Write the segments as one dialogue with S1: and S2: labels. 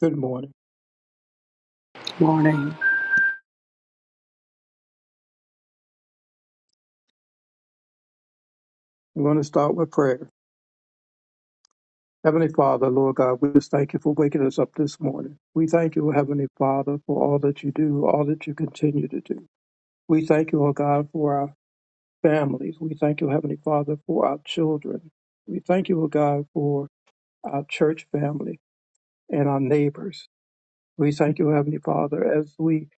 S1: Good morning.
S2: morning,
S1: We're going to start with prayer. Heavenly Father, Lord God, we just thank you for waking us up this morning. We thank you, Heavenly Father, for all that you do, all that you continue to do. We thank you, O God, for our families. We thank you, Heavenly Father, for our children. We thank you, O God, for our church family and our neighbors. We thank you, Heavenly Father, as we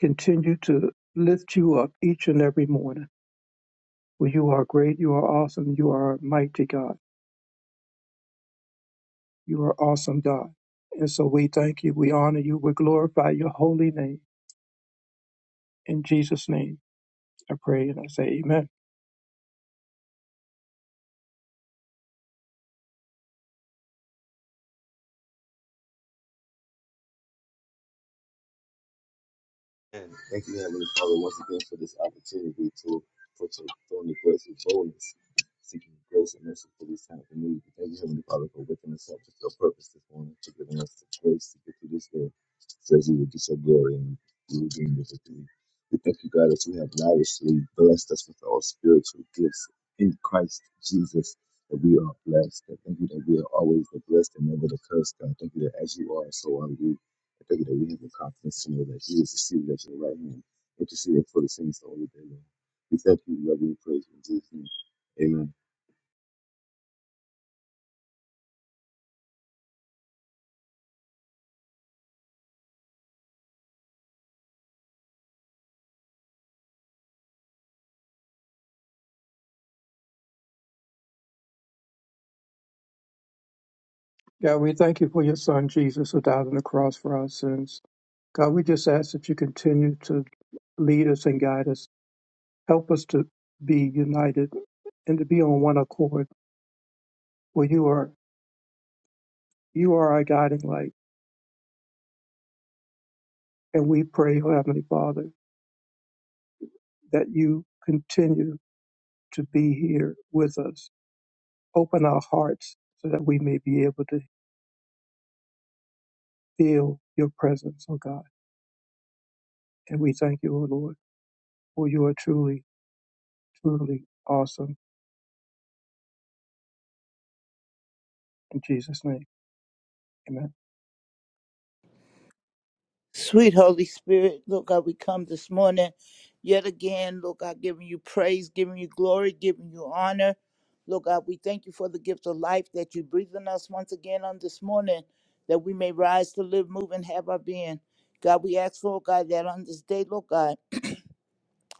S1: continue to lift you up each and every morning. For you are great, you are awesome, you are a mighty God. You are awesome, God. And so we thank you, we honor you, we glorify your holy name. In Jesus' name, I pray and I say amen.
S3: And thank you, Heavenly Father, once again for this opportunity to put your throne of grace with boldness, seeking grace and mercy for this time of need. We Thank you, Heavenly Father, for waking us up with your purpose this morning, to giving us the grace to get through this day, so as you will get your glory and you will gain your victory. We thank you, God, that you have lavishly blessed us with all spiritual gifts in Christ Jesus. That we are blessed. I thank you that we are always the blessed and never the cursed, God. Thank you that as you are, so are we. I thank you that we have the confidence to know that you is seated at your right hand, interceding for the saints all the day long. We thank you, we love you, and praise you in Jesus' name. Amen.
S1: God, we thank you for your son, Jesus, who died on the cross for our sins. God, we just ask that you continue to lead us and guide us. Help us to be united and to be on one accord where you are you are our guiding light. And we pray, oh Heavenly Father, that you continue to be here with us. Open our hearts so that we may be able to feel your presence, oh God. And we thank you, oh Lord, for you are truly, truly awesome. In Jesus' name, amen.
S4: Sweet Holy Spirit, Lord God, we come this morning yet again, Lord God, giving you praise, giving you glory, giving you honor. Lord God, we thank you for the gift of life that you breathe in us once again on this morning, that we may rise to live, move, and have our being. God, we ask, Lord God, that on this day, Lord God,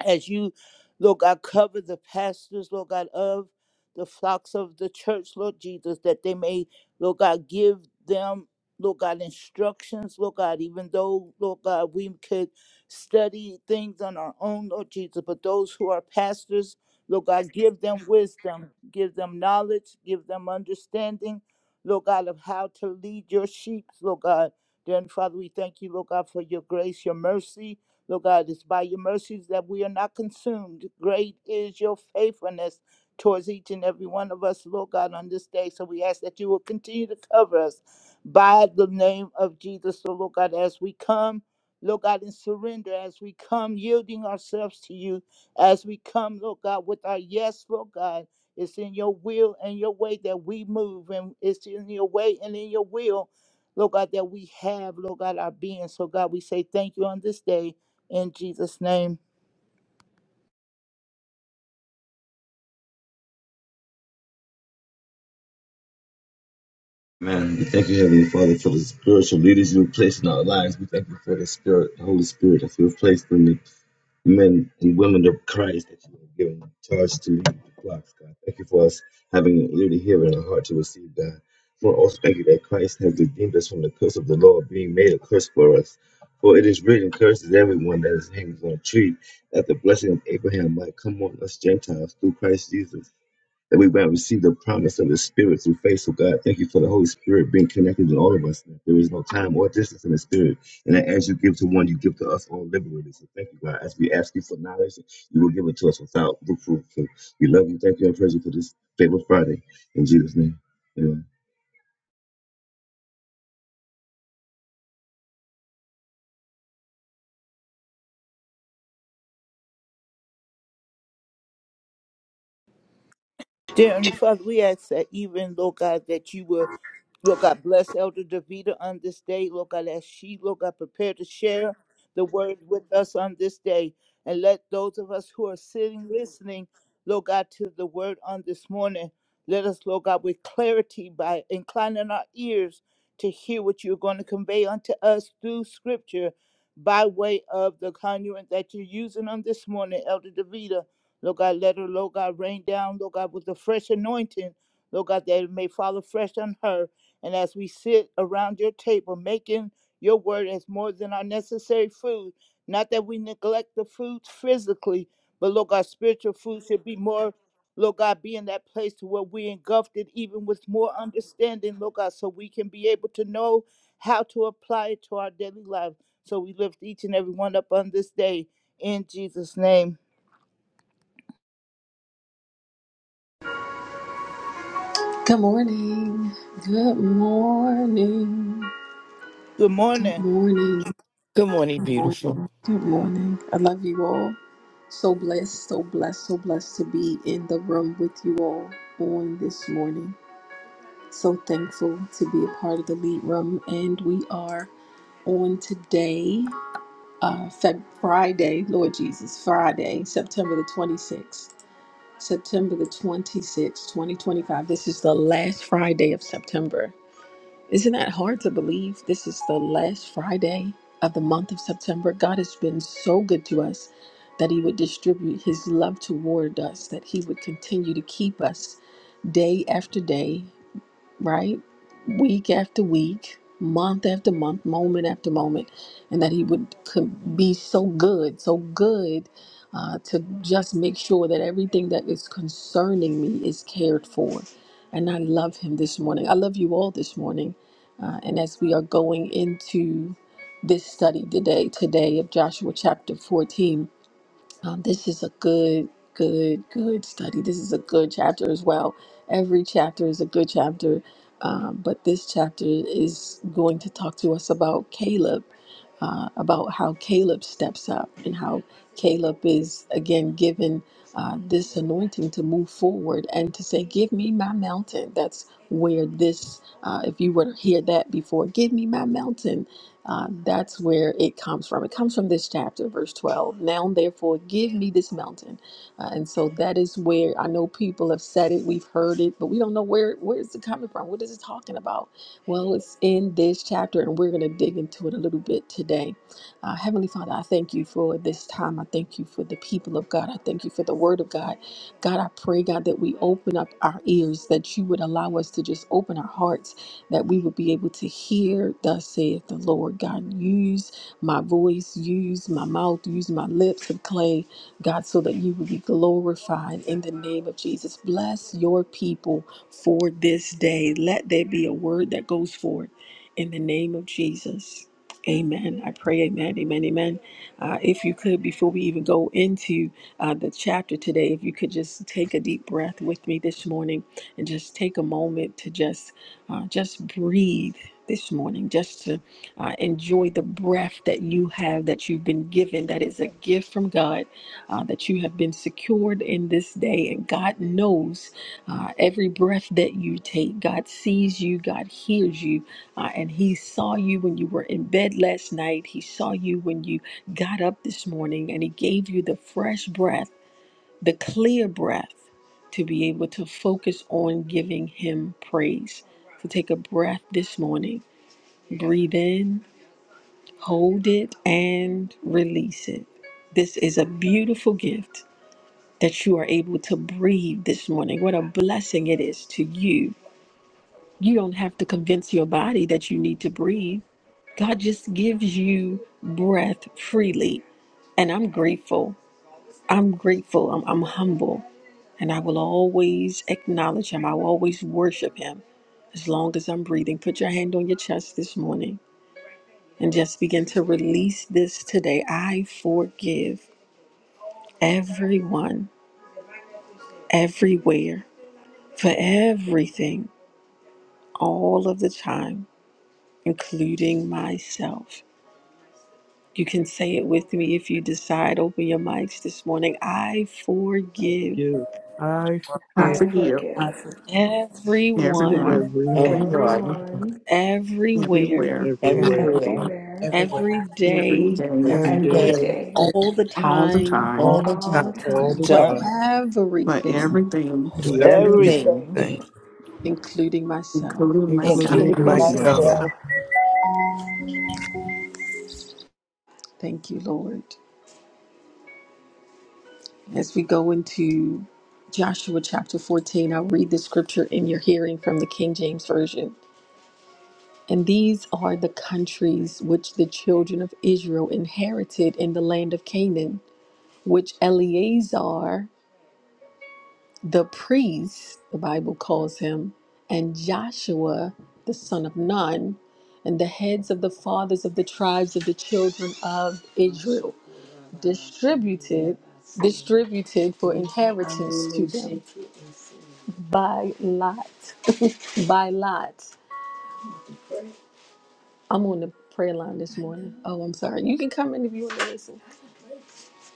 S4: as you, Lord God, cover the pastors, Lord God, of the flocks of the church, Lord Jesus, that they may, Lord God, give them, Lord God, instructions, Lord God, even though, Lord God, we could study things on our own, Lord Jesus, but those who are pastors, Lord God, give them wisdom, give them knowledge, give them understanding, Lord God, of how to lead your sheep, Lord God. Then, Father, we thank you, Lord God, for your grace, your mercy, Lord God, it's by your mercies that we are not consumed. Great is your faithfulness towards each and every one of us, Lord God, on this day. So we ask that you will continue to cover us by the name of Jesus. So, Lord God, as we come, Lord God, in surrender, as we come yielding ourselves to you, as we come, Lord God, with our yes, Lord God. It's in your will and your way that we move, and it's in your way and in your will, Lord God, that we have, Lord God, our being. So, God, we say thank you on this day. In Jesus' name.
S3: Amen. We thank you, Heavenly Father, for the spiritual leaders you have placed in our lives. We thank you for the Spirit, the Holy Spirit, that you have placed in them men and women of Christ that you have given charge to lead the flocks, God. Thank you for us having an ear to hear and a heart to receive, God. Lord, also thank you that Christ has redeemed us from the curse of the law, being made a curse for us. For it is written, curses everyone that is hanged on a tree, that the blessing of Abraham might come on us Gentiles through Christ Jesus that we might receive the promise of the Spirit through faith. So, God, thank you for the Holy Spirit being connected to all of us. there is no time or distance in the Spirit. And that as you give to one, you give to us all liberally. So, thank you, God. As we ask you for knowledge, you will give it to us without reproof. So, we love you. Thank you and praise you for this favorite Friday. In Jesus' name. Amen.
S4: Dear Heavenly Father, we ask that even, Lord God, that you will Lord God, bless Elder Davida on this day. Lord God, as she, Lord God, prepare to share the word with us on this day. And let those of us who are sitting, listening, Lord God, to the word on this morning, let us, Lord God, with clarity by inclining our ears to hear what you're going to convey unto us through scripture by way of the conduit that you're using on this morning, Elder Davida. Lord God, let her, Lord God, rain down, Lord God, with the fresh anointing, Lord God, that it may fall fresh on her. And as we sit around your table, making your word as more than our necessary food, not that we neglect the food physically, but Lord God, spiritual food should be more, Lord God, be in that place to where we engulfed it even with more understanding, Lord God, so we can be able to know how to apply it to our daily life. So we lift each and every one up on this day in Jesus' name.
S5: Good morning. Good morning.
S4: Good
S5: Good
S4: morning.
S5: morning.
S6: Good morning,
S5: Good morning.
S6: beautiful.
S5: Good morning. I love you all. So blessed, so blessed, so blessed to be in the room with you all on this morning. So thankful to be a part of the lead room. And we are on today, uh, Feb- Friday, Lord Jesus, Friday, September the 26th. September the 26th, 2025. This is the last Friday of September. Isn't that hard to believe? This is the last Friday of the month of September. God has been so good to us that He would distribute His love toward us, that He would continue to keep us day after day, right? Week after week, month after month, moment after moment, and that He would could be so good, so good uh, to just make sure that everything that is concerning me is cared for. And I love Him this morning. I love you all this morning. Uh, and as we are going into this study today, today of Joshua chapter 14, um, this is a good, good, good study. This is a good chapter as well. Every chapter is a good chapter, um, but this chapter is going to talk to us about Caleb, uh, about how Caleb steps up and how Caleb is again given uh, this anointing to move forward and to say, "Give me my mountain." That's where this. Uh, if you were to hear that before, "Give me my mountain," Uh, that's where it comes from. It comes from this chapter, verse 12. Now, therefore, give me this mountain. Uh, and so that is where I know people have said it, we've heard it, but we don't know where where is it coming from? What is it talking about? Well, it's in this chapter, and we're going to dig into it a little bit today. Uh, Heavenly Father, I thank you for this time. I thank you for the people of God. I thank you for the word of God. God, I pray, God, that we open up our ears, that you would allow us to just open our hearts that we would be able to hear, thus saith the Lord God, use my voice, use my mouth, use my lips of clay, God, so that you would be glorified in the name of Jesus. Bless your people for this day. Let there be a word that goes forth in the name of Jesus. Amen. I pray, amen, amen, amen. Uh, if you could, before we even go into uh, the chapter today, if you could just take a deep breath with me this morning and just take a moment to just uh, just breathe this morning, just to uh, enjoy the breath that you have, that you've been given, that is a gift from God, uh, that you have been secured in this day. And God knows uh, every breath that you take. God sees you, God hears you, uh, and He saw you when you were in bed last night. He saw you when you got up this morning, and He gave you the fresh breath the clear breath to be able to focus on giving Him praise. So take a breath this morning, breathe in, hold it, and release it. This is a beautiful gift that you are able to breathe this morning. What a blessing it is to you. You don't have to convince your body that you need to breathe. God just gives you breath freely. And I'm grateful. I'm grateful. I'm, I'm humble And I will always acknowledge him. I will always worship him as long as I'm breathing. Put your hand on your chest this morning and just begin to release this today. I forgive everyone, everywhere, for everything, all of the time, including myself. You can say it with me if you decide. Open your mics this morning. I
S1: I
S5: forgive
S1: forgive
S7: I
S8: I
S7: forgive
S9: I
S8: forgive
S9: forgive
S2: I
S8: everyone,
S5: everyone,
S7: every
S1: everyone,
S6: Everyone,
S9: everyone,
S5: everywhere,
S8: everywhere,
S7: and
S1: everywhere,
S6: everywhere,
S9: everywhere,
S5: every
S2: everywhere.
S8: every
S5: day
S8: day,
S1: every
S6: every
S7: every
S1: day,
S9: every
S7: day,
S6: day,
S9: day,
S2: Good.
S5: all the
S8: all the
S5: time
S7: all
S8: time,
S6: all
S7: the
S6: the
S9: all
S6: time,
S9: the
S1: all the
S9: time,
S5: for
S4: Done
S1: time,
S8: for
S5: everything,
S8: everything,
S1: for
S6: do
S7: time,
S9: with
S1: everything,
S6: everything,
S4: everything,
S7: everything,
S9: everything,
S5: including myself.
S8: including myself.
S6: including
S7: including
S4: including
S1: including
S9: including
S6: myself.
S1: myself.
S7: myself.
S4: myself.
S9: myself.
S5: Thank you, Lord. As we go into Joshua chapter 14, I'll read the scripture in your hearing from the King James Version. And these are the countries which the children of Israel inherited in the land of Canaan, which Eleazar the priest, the Bible calls him, and Joshua, the son of Nun, and the heads of the fathers of the tribes of the children of Israel, distributed, distributed for inheritance to them by lot, by lot. I'm on the prayer line this morning. Oh, I'm sorry. You can come in if you want to listen.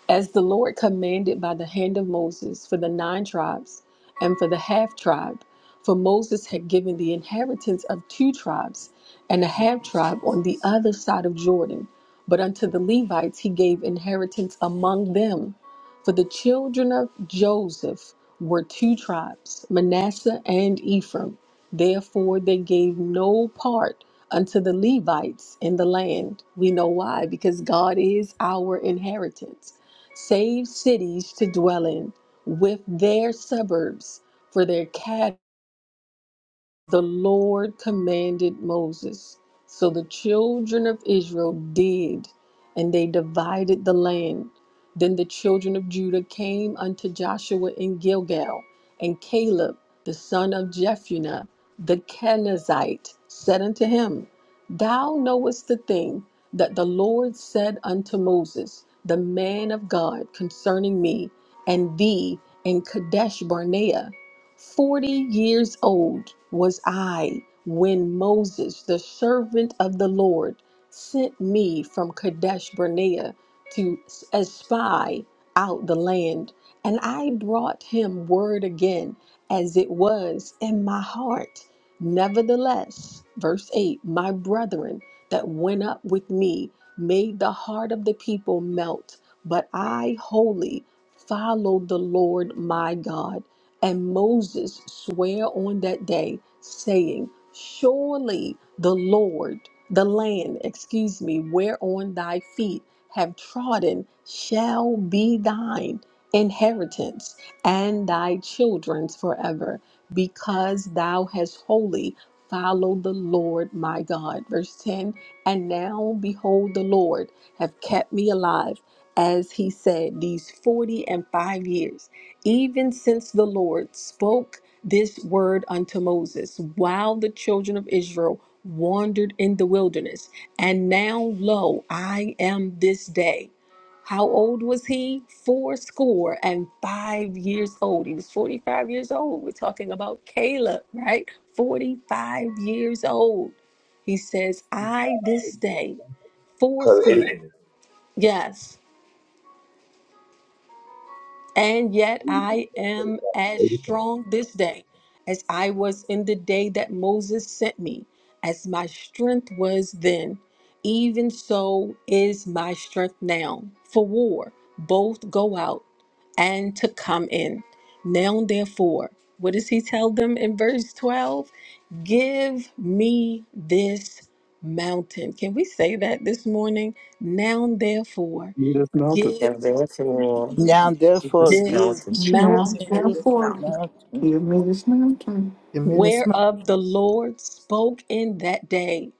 S5: as the Lord commanded by the hand of Moses for the nine tribes and for the half tribe. For Moses had given the inheritance of two tribes and a half tribe on the other side of Jordan. But unto the Levites he gave inheritance among them. For the children of Joseph were two tribes, Manasseh and Ephraim. Therefore they gave no part unto the Levites in the land. We know why, because God is our inheritance saved cities to dwell in, with their suburbs for their cattle the Lord commanded Moses. So the children of Israel did, and they divided the land. Then the children of Judah came unto Joshua in Gilgal, and Caleb, the son of Jephunneh, the Kenizzite, said unto him, Thou knowest the thing that the Lord said unto Moses, the man of God, concerning me and thee in Kadesh Barnea. Forty years old was I when Moses, the servant of the Lord, sent me from Kadesh Barnea to espy out the land, and I brought him word again as it was in my heart. Nevertheless, verse 8, my brethren that went up with me made the heart of the people melt, but I wholly followed the Lord my God. And Moses sware on that day, saying, Surely the Lord, the land, excuse me, whereon thy feet have trodden shall be thine inheritance and thy children's forever, because thou hast wholly followed the Lord my God. Verse 10 And now behold, the Lord have kept me alive, as he said, these 40 and 5 years even since the Lord spoke this word unto Moses, while the children of Israel wandered in the wilderness. And now, lo, I am this day. How old was he? Fourscore and five years old. He was 45 years old. We're talking about Caleb, right? 45 years old. He says, I this day,
S3: Call it
S5: fourscore.
S3: 85.
S5: Yes. And yet I am as
S3: 85.
S5: strong this day as I was in the day that Moses sent me, as my strength was then. Even so is my strength now. For war, both go out and to come in. Now, therefore, what does he tell them in verse 12? Give me this mountain. Can we say that this morning? Now,
S1: If
S5: therefore,
S1: You Jesus' Melted.
S5: give
S6: And therefore,
S4: Now
S6: it
S4: therefore
S6: is
S4: give
S5: this
S6: counted.
S4: me
S8: Now,
S5: mountain
S4: this
S2: This
S8: therefore,
S2: mountain
S4: mountain.
S8: give me this mountain.
S7: Give me this
S5: whereof the Lord spoke in that day.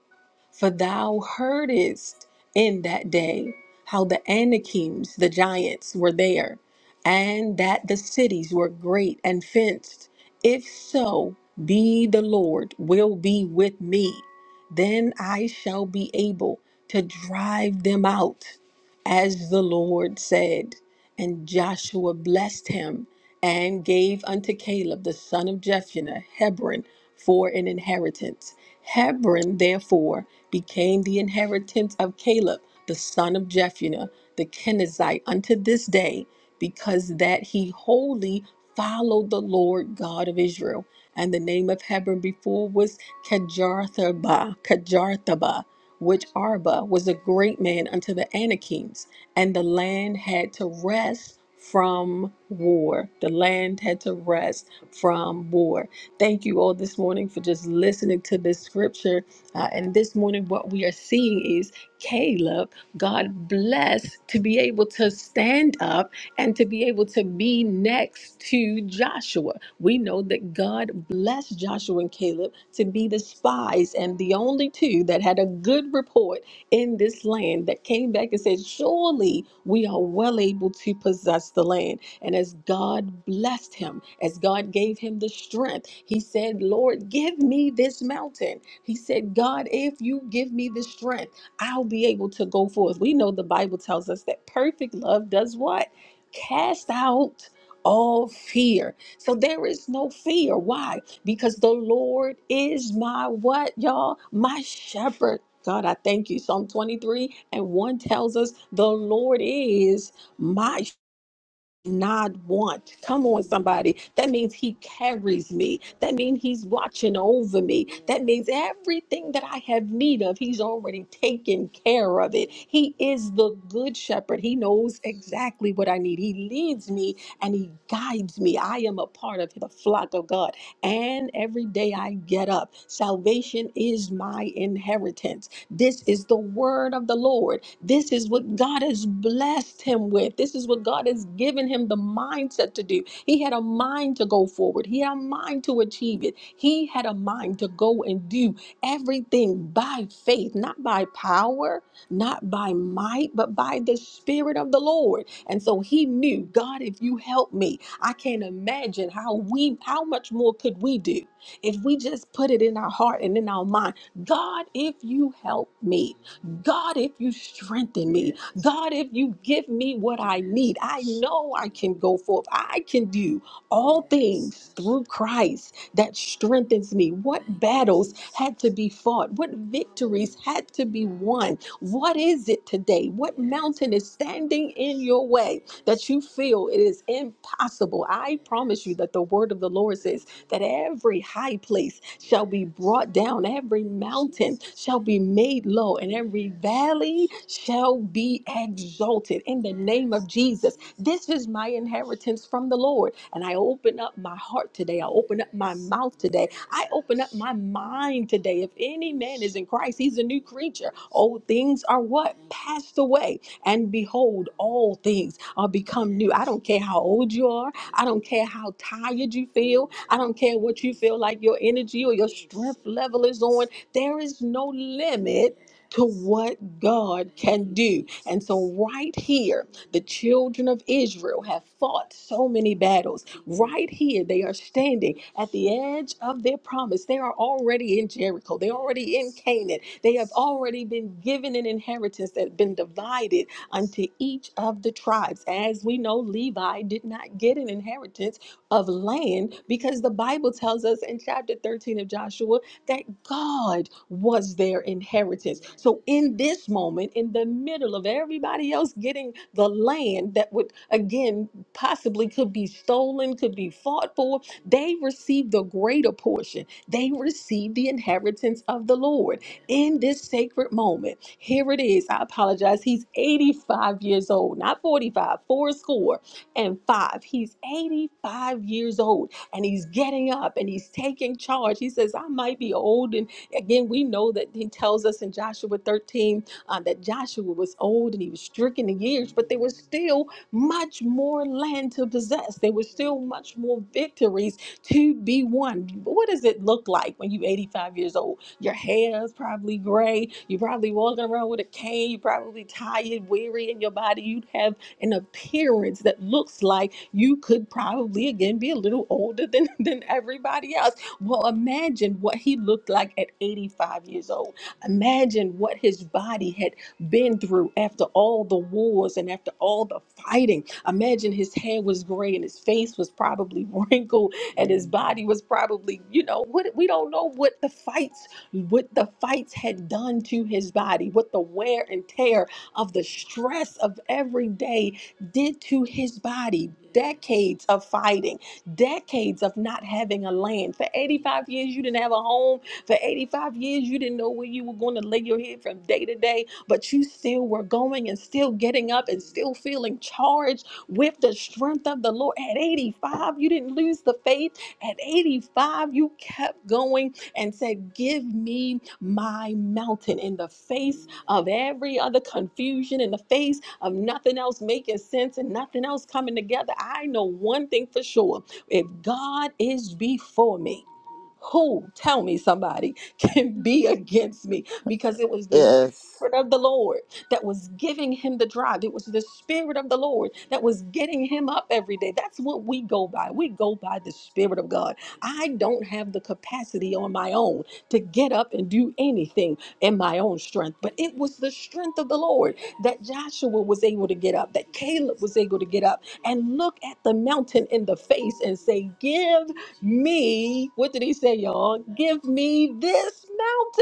S5: For thou heardest in that day how the Anakims, the giants, were there, and that the cities were great and fenced. If so, be the Lord will be with me, then I shall be able to drive them out, as the Lord said. And Joshua blessed him and gave unto Caleb the son of Jephunneh Hebron for an inheritance. Hebron therefore became the inheritance of Caleb the son of Jephunneh the Kenizzite unto this day, because that he wholly followed the Lord God of Israel. And the name of Hebron before was Kajarthaba, Kajarthaba, which Arba was a great man unto the Anakims and the land had to rest from war. The land had to rest from war. Thank you all this morning for just listening to this scripture. Uh, and this morning, what we are seeing is Caleb, God blessed to be able to stand up and to be able to be next to Joshua. We know that God blessed Joshua and Caleb to be the spies and the only two that had a good report in this land that came back and said, Surely we are well able to possess the land. And as God blessed him, as God gave him the strength, he said, Lord, give me this mountain. He said, God, if you give me the strength, I'll be able to go forth. We know the Bible tells us that perfect love does what? Cast out all fear. So there is no fear. Why? because the Lord is my what, y'all? My shepherd. God, I thank you. Psalm 23 and 1 tells us the Lord is my not want. Come on, somebody. That means he carries me. That means he's watching over me. That means everything that I have need of, he's already taken care of it. He is the good shepherd. He knows exactly what I need. He leads me and he guides me. I am a part of the flock of God. And every day I get up, salvation is my inheritance. This is the word of the Lord. This is what God has blessed him with. This is what God has given him the mindset to do. He had a mind to go forward, he had a mind to achieve it. He had a mind to go and do everything by faith, not by power, not by might, but by the Spirit of the Lord. And so he knew, God, if you help me, I can't imagine how we how much more could we do if we just put it in our heart and in our mind God, if you help me, God, if you strengthen me, God, if you give me what I need, I know I can go forth. I can do all things through Christ that strengthens me. What battles had to be fought? What victories had to be won? What is it today? What mountain is standing in your way that you feel it is impossible? I promise you that the word of the Lord says that every high place shall be brought down, every mountain shall be made low, and every valley shall be exalted in the name of Jesus. This is my inheritance from the Lord. And I open up my heart today. I open up my mouth today. I open up my mind today. If any man is in Christ, he's a new creature. Old things are what? Passed away. And behold, all things are become new. I don't care how old you are. I don't care how tired you feel. I don't care what you feel like your energy or your strength level is on. There is no limit to what God can do. And so, right here, the children of Israel have fought so many battles. Right here, they are standing at the edge of their promise. They are already in Jericho, they're already in Canaan. They have already been given an inheritance that's been divided unto each of the tribes. As we know, Levi did not get an inheritance of land because the Bible tells us in chapter 13 of Joshua that God was their inheritance. So in this moment, in the middle of everybody else getting the land that would again possibly could be stolen, could be fought for, they received the greater portion. They received the inheritance of the Lord in this sacred moment. Here it is. I apologize. He's 85 years old, not 45, four score and five. He's 85 years old and he's getting up and he's taking charge. He says, I might be old. And again, we know that he tells us in Joshua 13 um, that Joshua was old and he was stricken in years, but there was still much more land to possess. There was still much more victories to be won. What does it look like when you're 85 years old? Your hair is probably gray. You're probably walking around with a cane. You're probably tired, weary in your body. You'd have an appearance that looks like you could probably again be a little older than, than everybody else. Well, imagine what he looked like at 85 years old. Imagine what his body had been through after all the wars and after all the fighting. Imagine his hair was gray and his face was probably wrinkled and his body was probably, you know, what we don't know what the fights what the fights had done to his body, what the wear and tear of the stress of every day did to his body. Decades of fighting, decades of not having a land. For 85 years, you didn't have a home. For 85 years, you didn't know where you were going to lay your head from day to day, but you still were going and still getting up and still feeling charged with the strength of the Lord. At 85, you didn't lose the faith. At 85, you kept going and said, Give me my mountain in the face of every other confusion, in the face of nothing else making sense and nothing else coming together. I know one thing for sure if God is before me, who, tell me somebody, can be against me? Because it was the
S4: Yes.
S5: Spirit of the Lord that was giving him the drive. It was the Spirit of the Lord that was getting him up every day. That's what we go by. We go by the Spirit of God. I don't have the capacity on my own to get up and do anything in my own strength, but it was the strength of the Lord that Joshua was able to get up, that Caleb was able to get up and look at the mountain in the face and say, Give me, what did he say, y'all? Give me this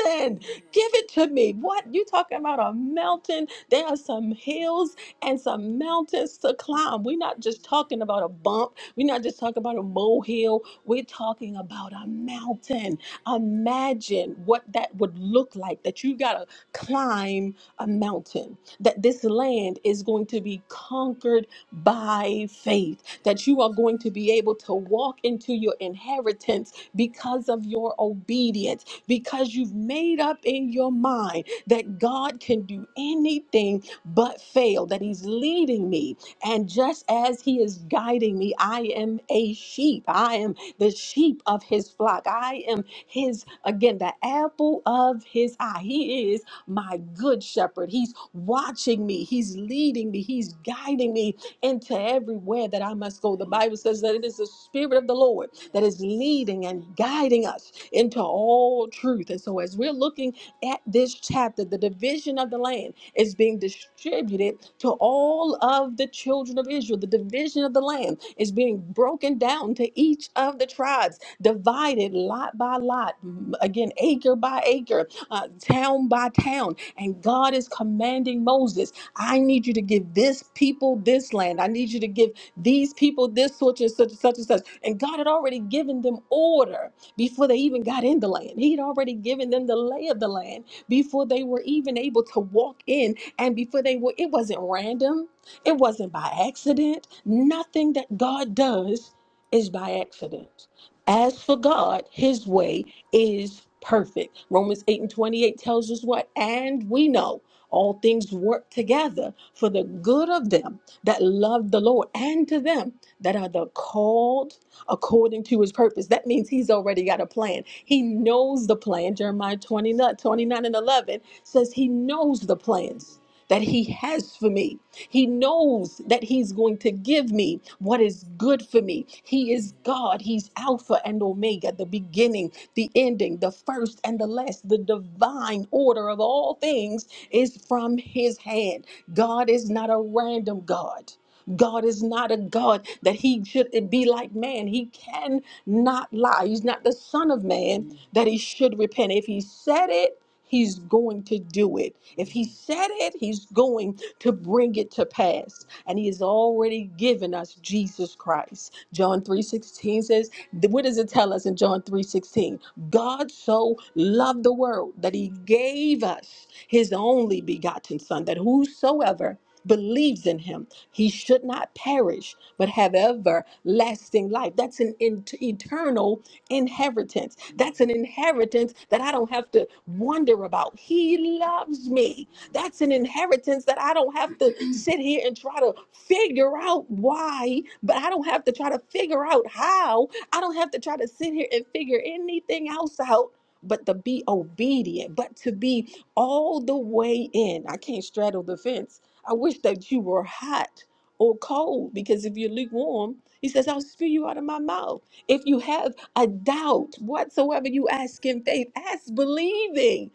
S5: mountain. Give it to me. What? You talking about a mountain? There are some hills and some mountains to climb. We're not just talking about a bump. We're not just talking about a molehill. We're talking about a mountain. Imagine what that would look like that you got to climb a mountain, that this land is going to be conquered by faith that you are going to be able to walk into your inheritance because of your obedience, because you've made up in your mind that God can do anything but fail, that He's leading me. And just as He is guiding me, I am a sheep. I am the sheep of His flock. I am His, again, the apple of His eye. He is my good shepherd. He's watching me, He's leading me, He's guiding me into everywhere that I must go. The Bible says that it is the Spirit of the Lord that is leading and guiding us into all truth. And so, as we're looking at this chapter, the division of the land is being distributed to all of the children of Israel. The division of the land is being broken down to each of the tribes, divided lot by lot, m- again, acre by acre, uh, town by town. And God is commanding Moses. I need you to give this people this land. I need you to give these people this such and such and such and such. And God had already given them order before they even got in the land. He had already given them the lay of the land before they were even able to walk in and before they were, it wasn't random, it wasn't by accident. Nothing that God does is by accident. As for God, his way is perfect. Romans 8 and 28 tells us what? And we know all things work together for the good of them that love the Lord and to them that are the called according to his purpose. That means he's already got a plan. He knows the plan. Jeremiah 29, 29 and 11 says he knows the plans that he has for me. He knows that he's going to give me what is good for me. He is God. He's Alpha and Omega, the beginning, the ending, the first and the last. The divine order of all things is from his hand. God is not a random God. God is not a God that he should be like man. He cannot lie. He's not the son of man that he should repent. If he said it, he's going to do it. If he said it, he's going to bring it to pass. And he has already given us Jesus Christ. John 3:16 says, what does it tell us in John 3:16? God so loved the world that he gave us his only begotten son that whosoever believes in him. He should not perish, but have everlasting life. That's an in- eternal inheritance. That's an inheritance that I don't have to wonder about. He loves me. That's an inheritance that I don't have to sit here and try to figure out why, but I don't have to try to figure out how. I don't have to try to sit here and figure anything else out. But to be obedient, but to be all the way in. I can't straddle the fence I wish that you were hot or cold, because if you're lukewarm, he says, I'll spew you out of my mouth. If you have a doubt whatsoever, you ask in faith, ask believing.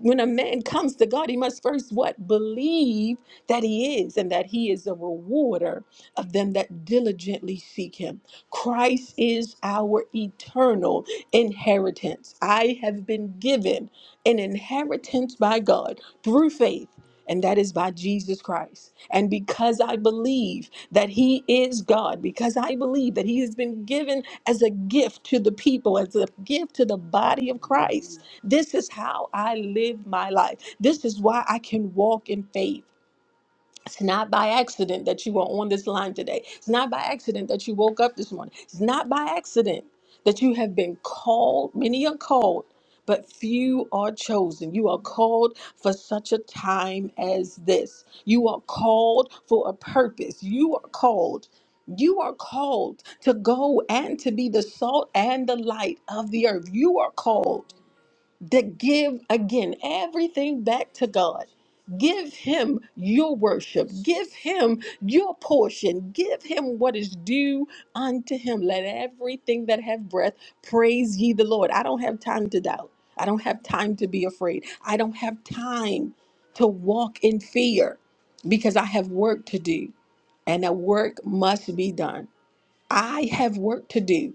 S5: When a man comes to God, he must first what? Believe that he is and that he is a rewarder of them that diligently seek him. Christ is our eternal inheritance. I have been given an inheritance by God through faith and that is by Jesus Christ. And because I believe that He is God, because I believe that He has been given as a gift to the people, as a gift to the body of Christ, this is how I live my life. This is why I can walk in faith. It's not by accident that you are on this line today. It's not by accident that you woke up this morning. It's not by accident that you have been called. Many are called, but few are chosen. You are called for such a time as this. You are called for a purpose. You are called. You are called to go and to be the salt and the light of the earth. You are called that give again everything back to God. Give him your worship. Give him your portion. Give him what is due unto him. Let everything that have breath praise ye the Lord. I don't have time to doubt. I don't have time to be afraid. I don't have time to walk in fear because I have work to do and that work must be done. I have work to do.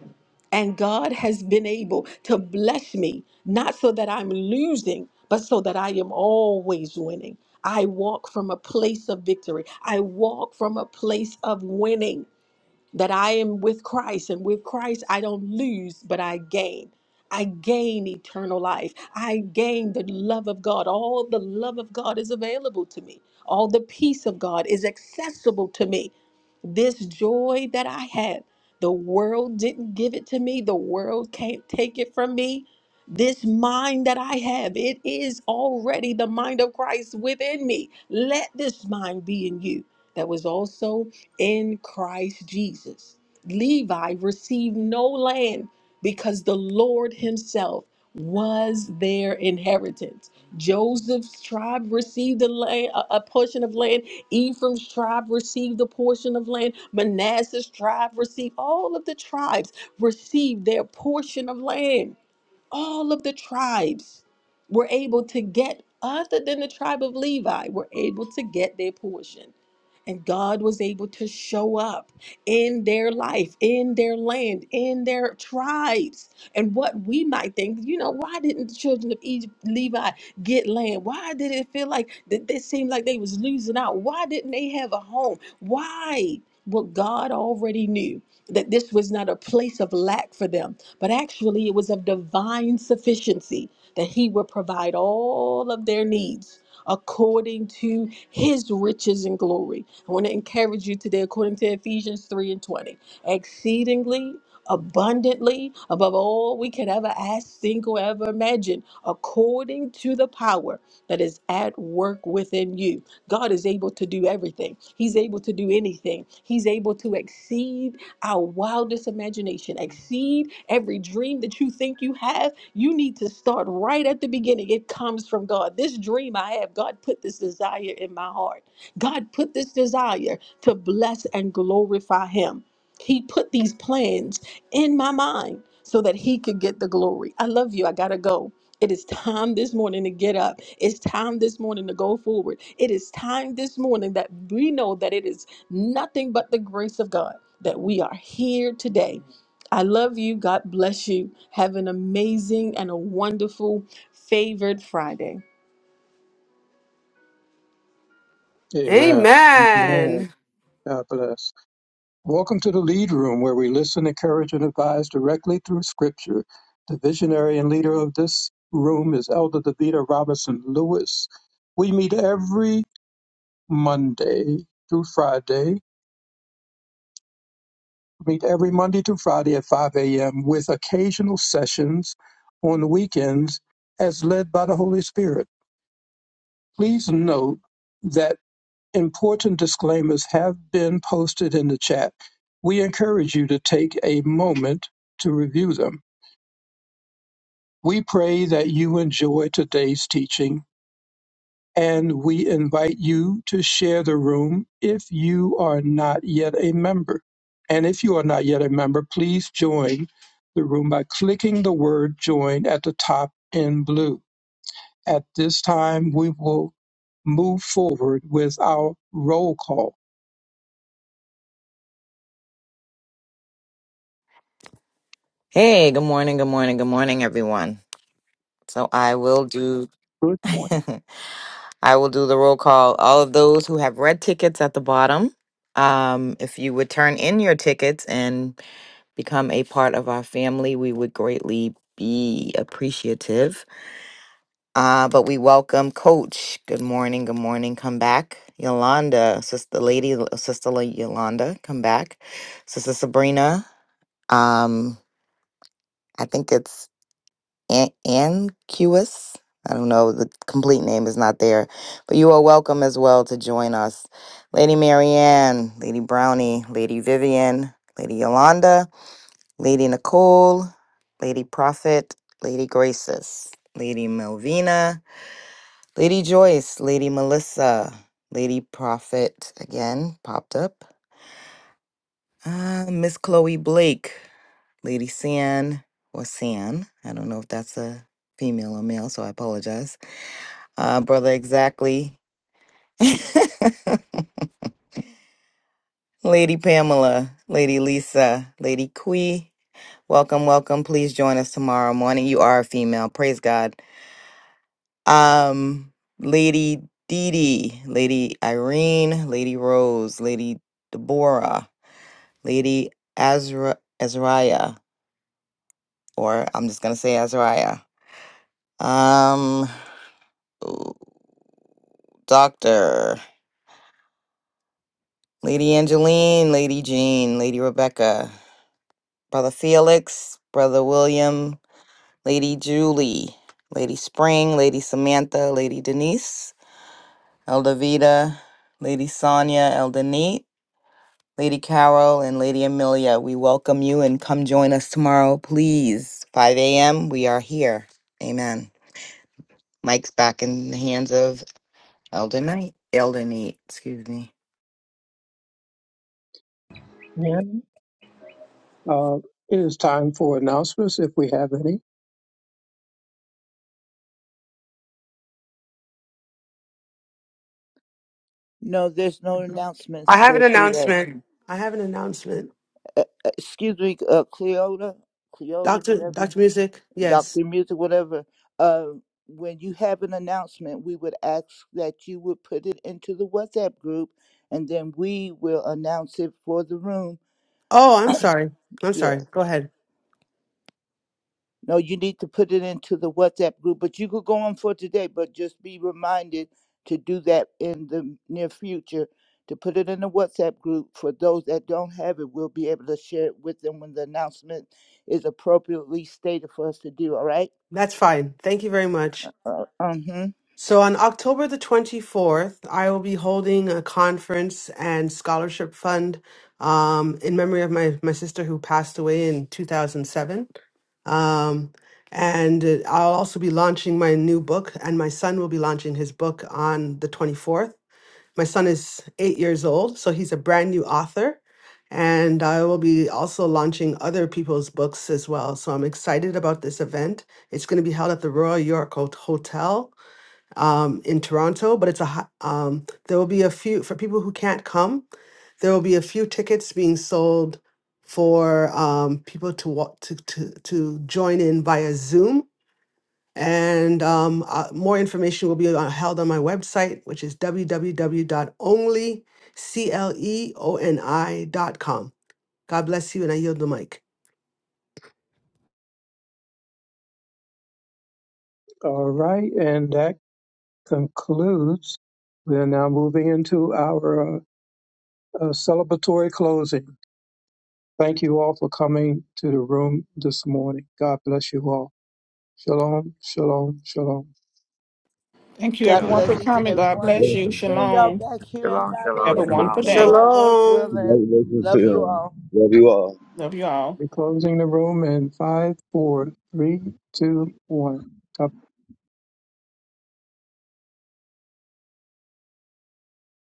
S5: And God has been able to bless me, not so that I'm losing, but so that I am always winning. I walk from a place of victory. I walk from a place of winning that I am with Christ, and with Christ I don't lose, but I gain. I gain eternal life. I gain the love of God. All the love of God is available to me. All the peace of God is accessible to me. This joy that I had, the world didn't give it to me. The world can't take it from me. This mind that I have, it is already the mind of Christ within me. Let this mind be in you. That was also in Christ Jesus. Levi received no land because the Lord himself was their inheritance. Joseph's tribe received a, land, a a portion of land. Ephraim's tribe received a portion of land. Manasseh's tribe received, all of the tribes received their portion of land. All of the tribes were able to get, other than the tribe of Levi, were able to get their portion. And God was able to show up in their life, in their land, in their tribes. And what we might think, you know, why didn't the children of Egypt, Levi get land? Why did it feel like that they seemed like they was losing out? Why didn't they have a home? Why? Well, God already knew that this was not a place of lack for them, but actually it was of divine sufficiency that He would provide all of their needs according to His riches and glory. I want to encourage you today, according to Ephesians 3 and 20, exceedingly abundantly above all we could ever ask, think, or ever imagine, according to the power that is at work within you. God is able to do everything, He's able to do anything. He's able to exceed our wildest imagination, exceed every dream that you think you have. You need to start right at the beginning. It comes from God. This dream I have, God put this desire in my heart. God put this desire to bless and glorify him. He put these plans in my mind so that he could get the glory. I love you. I got to go. It is time this morning to get up. It's time this morning to go forward. It is time this morning that we know that it is nothing but the grace of God that we are here today. I love you. God bless you. Have an amazing and a wonderful, favored Friday.
S1: Amen. name,
S10: Amen.
S1: God bless. Welcome to the Lead Room, where we listen, encourage, and advise directly through Scripture. The visionary and leader of this room is Elder Davita Robinson Lewis. We meet every Monday through Friday. Meet every Monday through Friday at 5 a.m. with occasional sessions on weekends as led by the Holy Spirit. Please note that important disclaimers have been posted in the chat. We encourage you to take a moment to review them. We pray that you enjoy today's teaching and we invite you to share the room if you are not yet a member. And if you are not yet a member, please join the room by clicking the word join at the top in blue. At this time, we will move forward with our roll call.
S11: Hey, good morning, good morning, good morning, everyone. So I will do
S1: Good morning.
S11: I will do the roll call. All of those who have red tickets at the bottom, um, if you would turn in your tickets and become a part of our family, we would greatly be appreciative. Uh, but we welcome Coach. Good morning, good morning, come back. Yolanda, Sister Lady, Sister Yolanda, come back. Sister Sabrina, um, I think it's An- Anquis. I don't know, the complete name is not there, but you are welcome as well to join us. Lady Marianne, Lady Brownie, Lady Vivian, Lady Yolanda, Lady Nicole, Lady Prophet, Lady Graces, Lady Melvina, Lady Joyce, Lady Melissa, Lady Prophet again popped up, uh, Miss Chloe Blake, Lady San or San. I don't know if that's a female or male, so I apologize. uh, Brother Exactly, Lady Pamela, Lady Lisa, Lady Kui. Welcome, welcome. Please join us tomorrow morning. You are a female. Praise God. Um, Lady Dee Dee, Lady Irene, Lady Rose, Lady Deborah, Lady Azra Azariah, or I'm just gonna say Azariah. Um, Doctor, Lady Angeline, Lady Jean, Lady Rebecca, Brother Felix, Brother William, Lady Julie, Lady Spring, Lady Samantha, Lady Denise, Elder Vida, Lady Sonia, Elder Neat, Lady Carol, and Lady Amelia. We welcome you and come join us tomorrow, please. 5 a.m. We are here. Amen. Mike's back in the hands of Elder Knight. Elder Neat, excuse me.
S1: Ken. Uh, it is time for announcements if we have any.
S4: No, there's no
S10: I
S4: announcements
S10: have an
S4: for today. Uh,
S10: announcement. I have an announcement.
S4: uh, excuse me, uh, Cleota, Cleota,
S10: Doctor
S4: whatever, you-
S10: Doctor Music, yes.
S4: Dr. Music, whatever. Uh, when you have an announcement, we would ask that you would put it into the WhatsApp group and then we will announce it for the room.
S10: Oh, I'm sorry. I'm
S4: Yes.
S10: sorry. Go ahead.
S4: No, you need to put it into the WhatsApp group, but you could go on for today, but just be reminded to do that in the near future to put it in the WhatsApp group. For those that don't have it, we'll be able to share it with them when the announcement is appropriately stated for us to do, all right?
S10: That's fine. Thank you very much.
S4: Uh, mm-hmm.
S10: So on October the 24th, I will be holding a conference and scholarship fund um, in memory of my, my sister who passed away in 2007. Um, and uh, I'll also be launching my new book, and my son will be launching his book on the 24th. my son is eight years old, so he's a brand new author. And I will be also launching other people's books as well. So I'm excited about this event. It's going to be held at the Royal York Hot- Hotel um, in Toronto, but it's a hi- um, there will be a few for people who can't come. There will be a few tickets being sold for um, people to, wa- to to to join in via Zoom and um, uh, more information will be on, held on my website, which is w w w dot only cleoni dot com. God bless you, and I yield the mic.
S1: All right, and that concludes. We are now moving into our uh, uh, celebratory closing. Thank you all for coming to the room this morning. God bless you all. Shalom, shalom, shalom.
S8: Thank you,
S4: God
S8: everyone, for
S4: bless
S3: Down.
S4: each and
S8: coming.
S4: every
S8: God
S4: one.
S8: bless you.
S4: Hear y'all
S8: Shalom.
S4: back here at
S2: shalom,
S4: 5
S8: Have
S2: shalom.
S8: a
S2: the
S4: a.m.
S8: wonderful day.
S4: tomorrow, Lord's
S10: Shalom.
S4: willing. Love you all.
S3: Love you all.
S8: Love you all.
S1: We're closing the room in five, four, three, two, one. God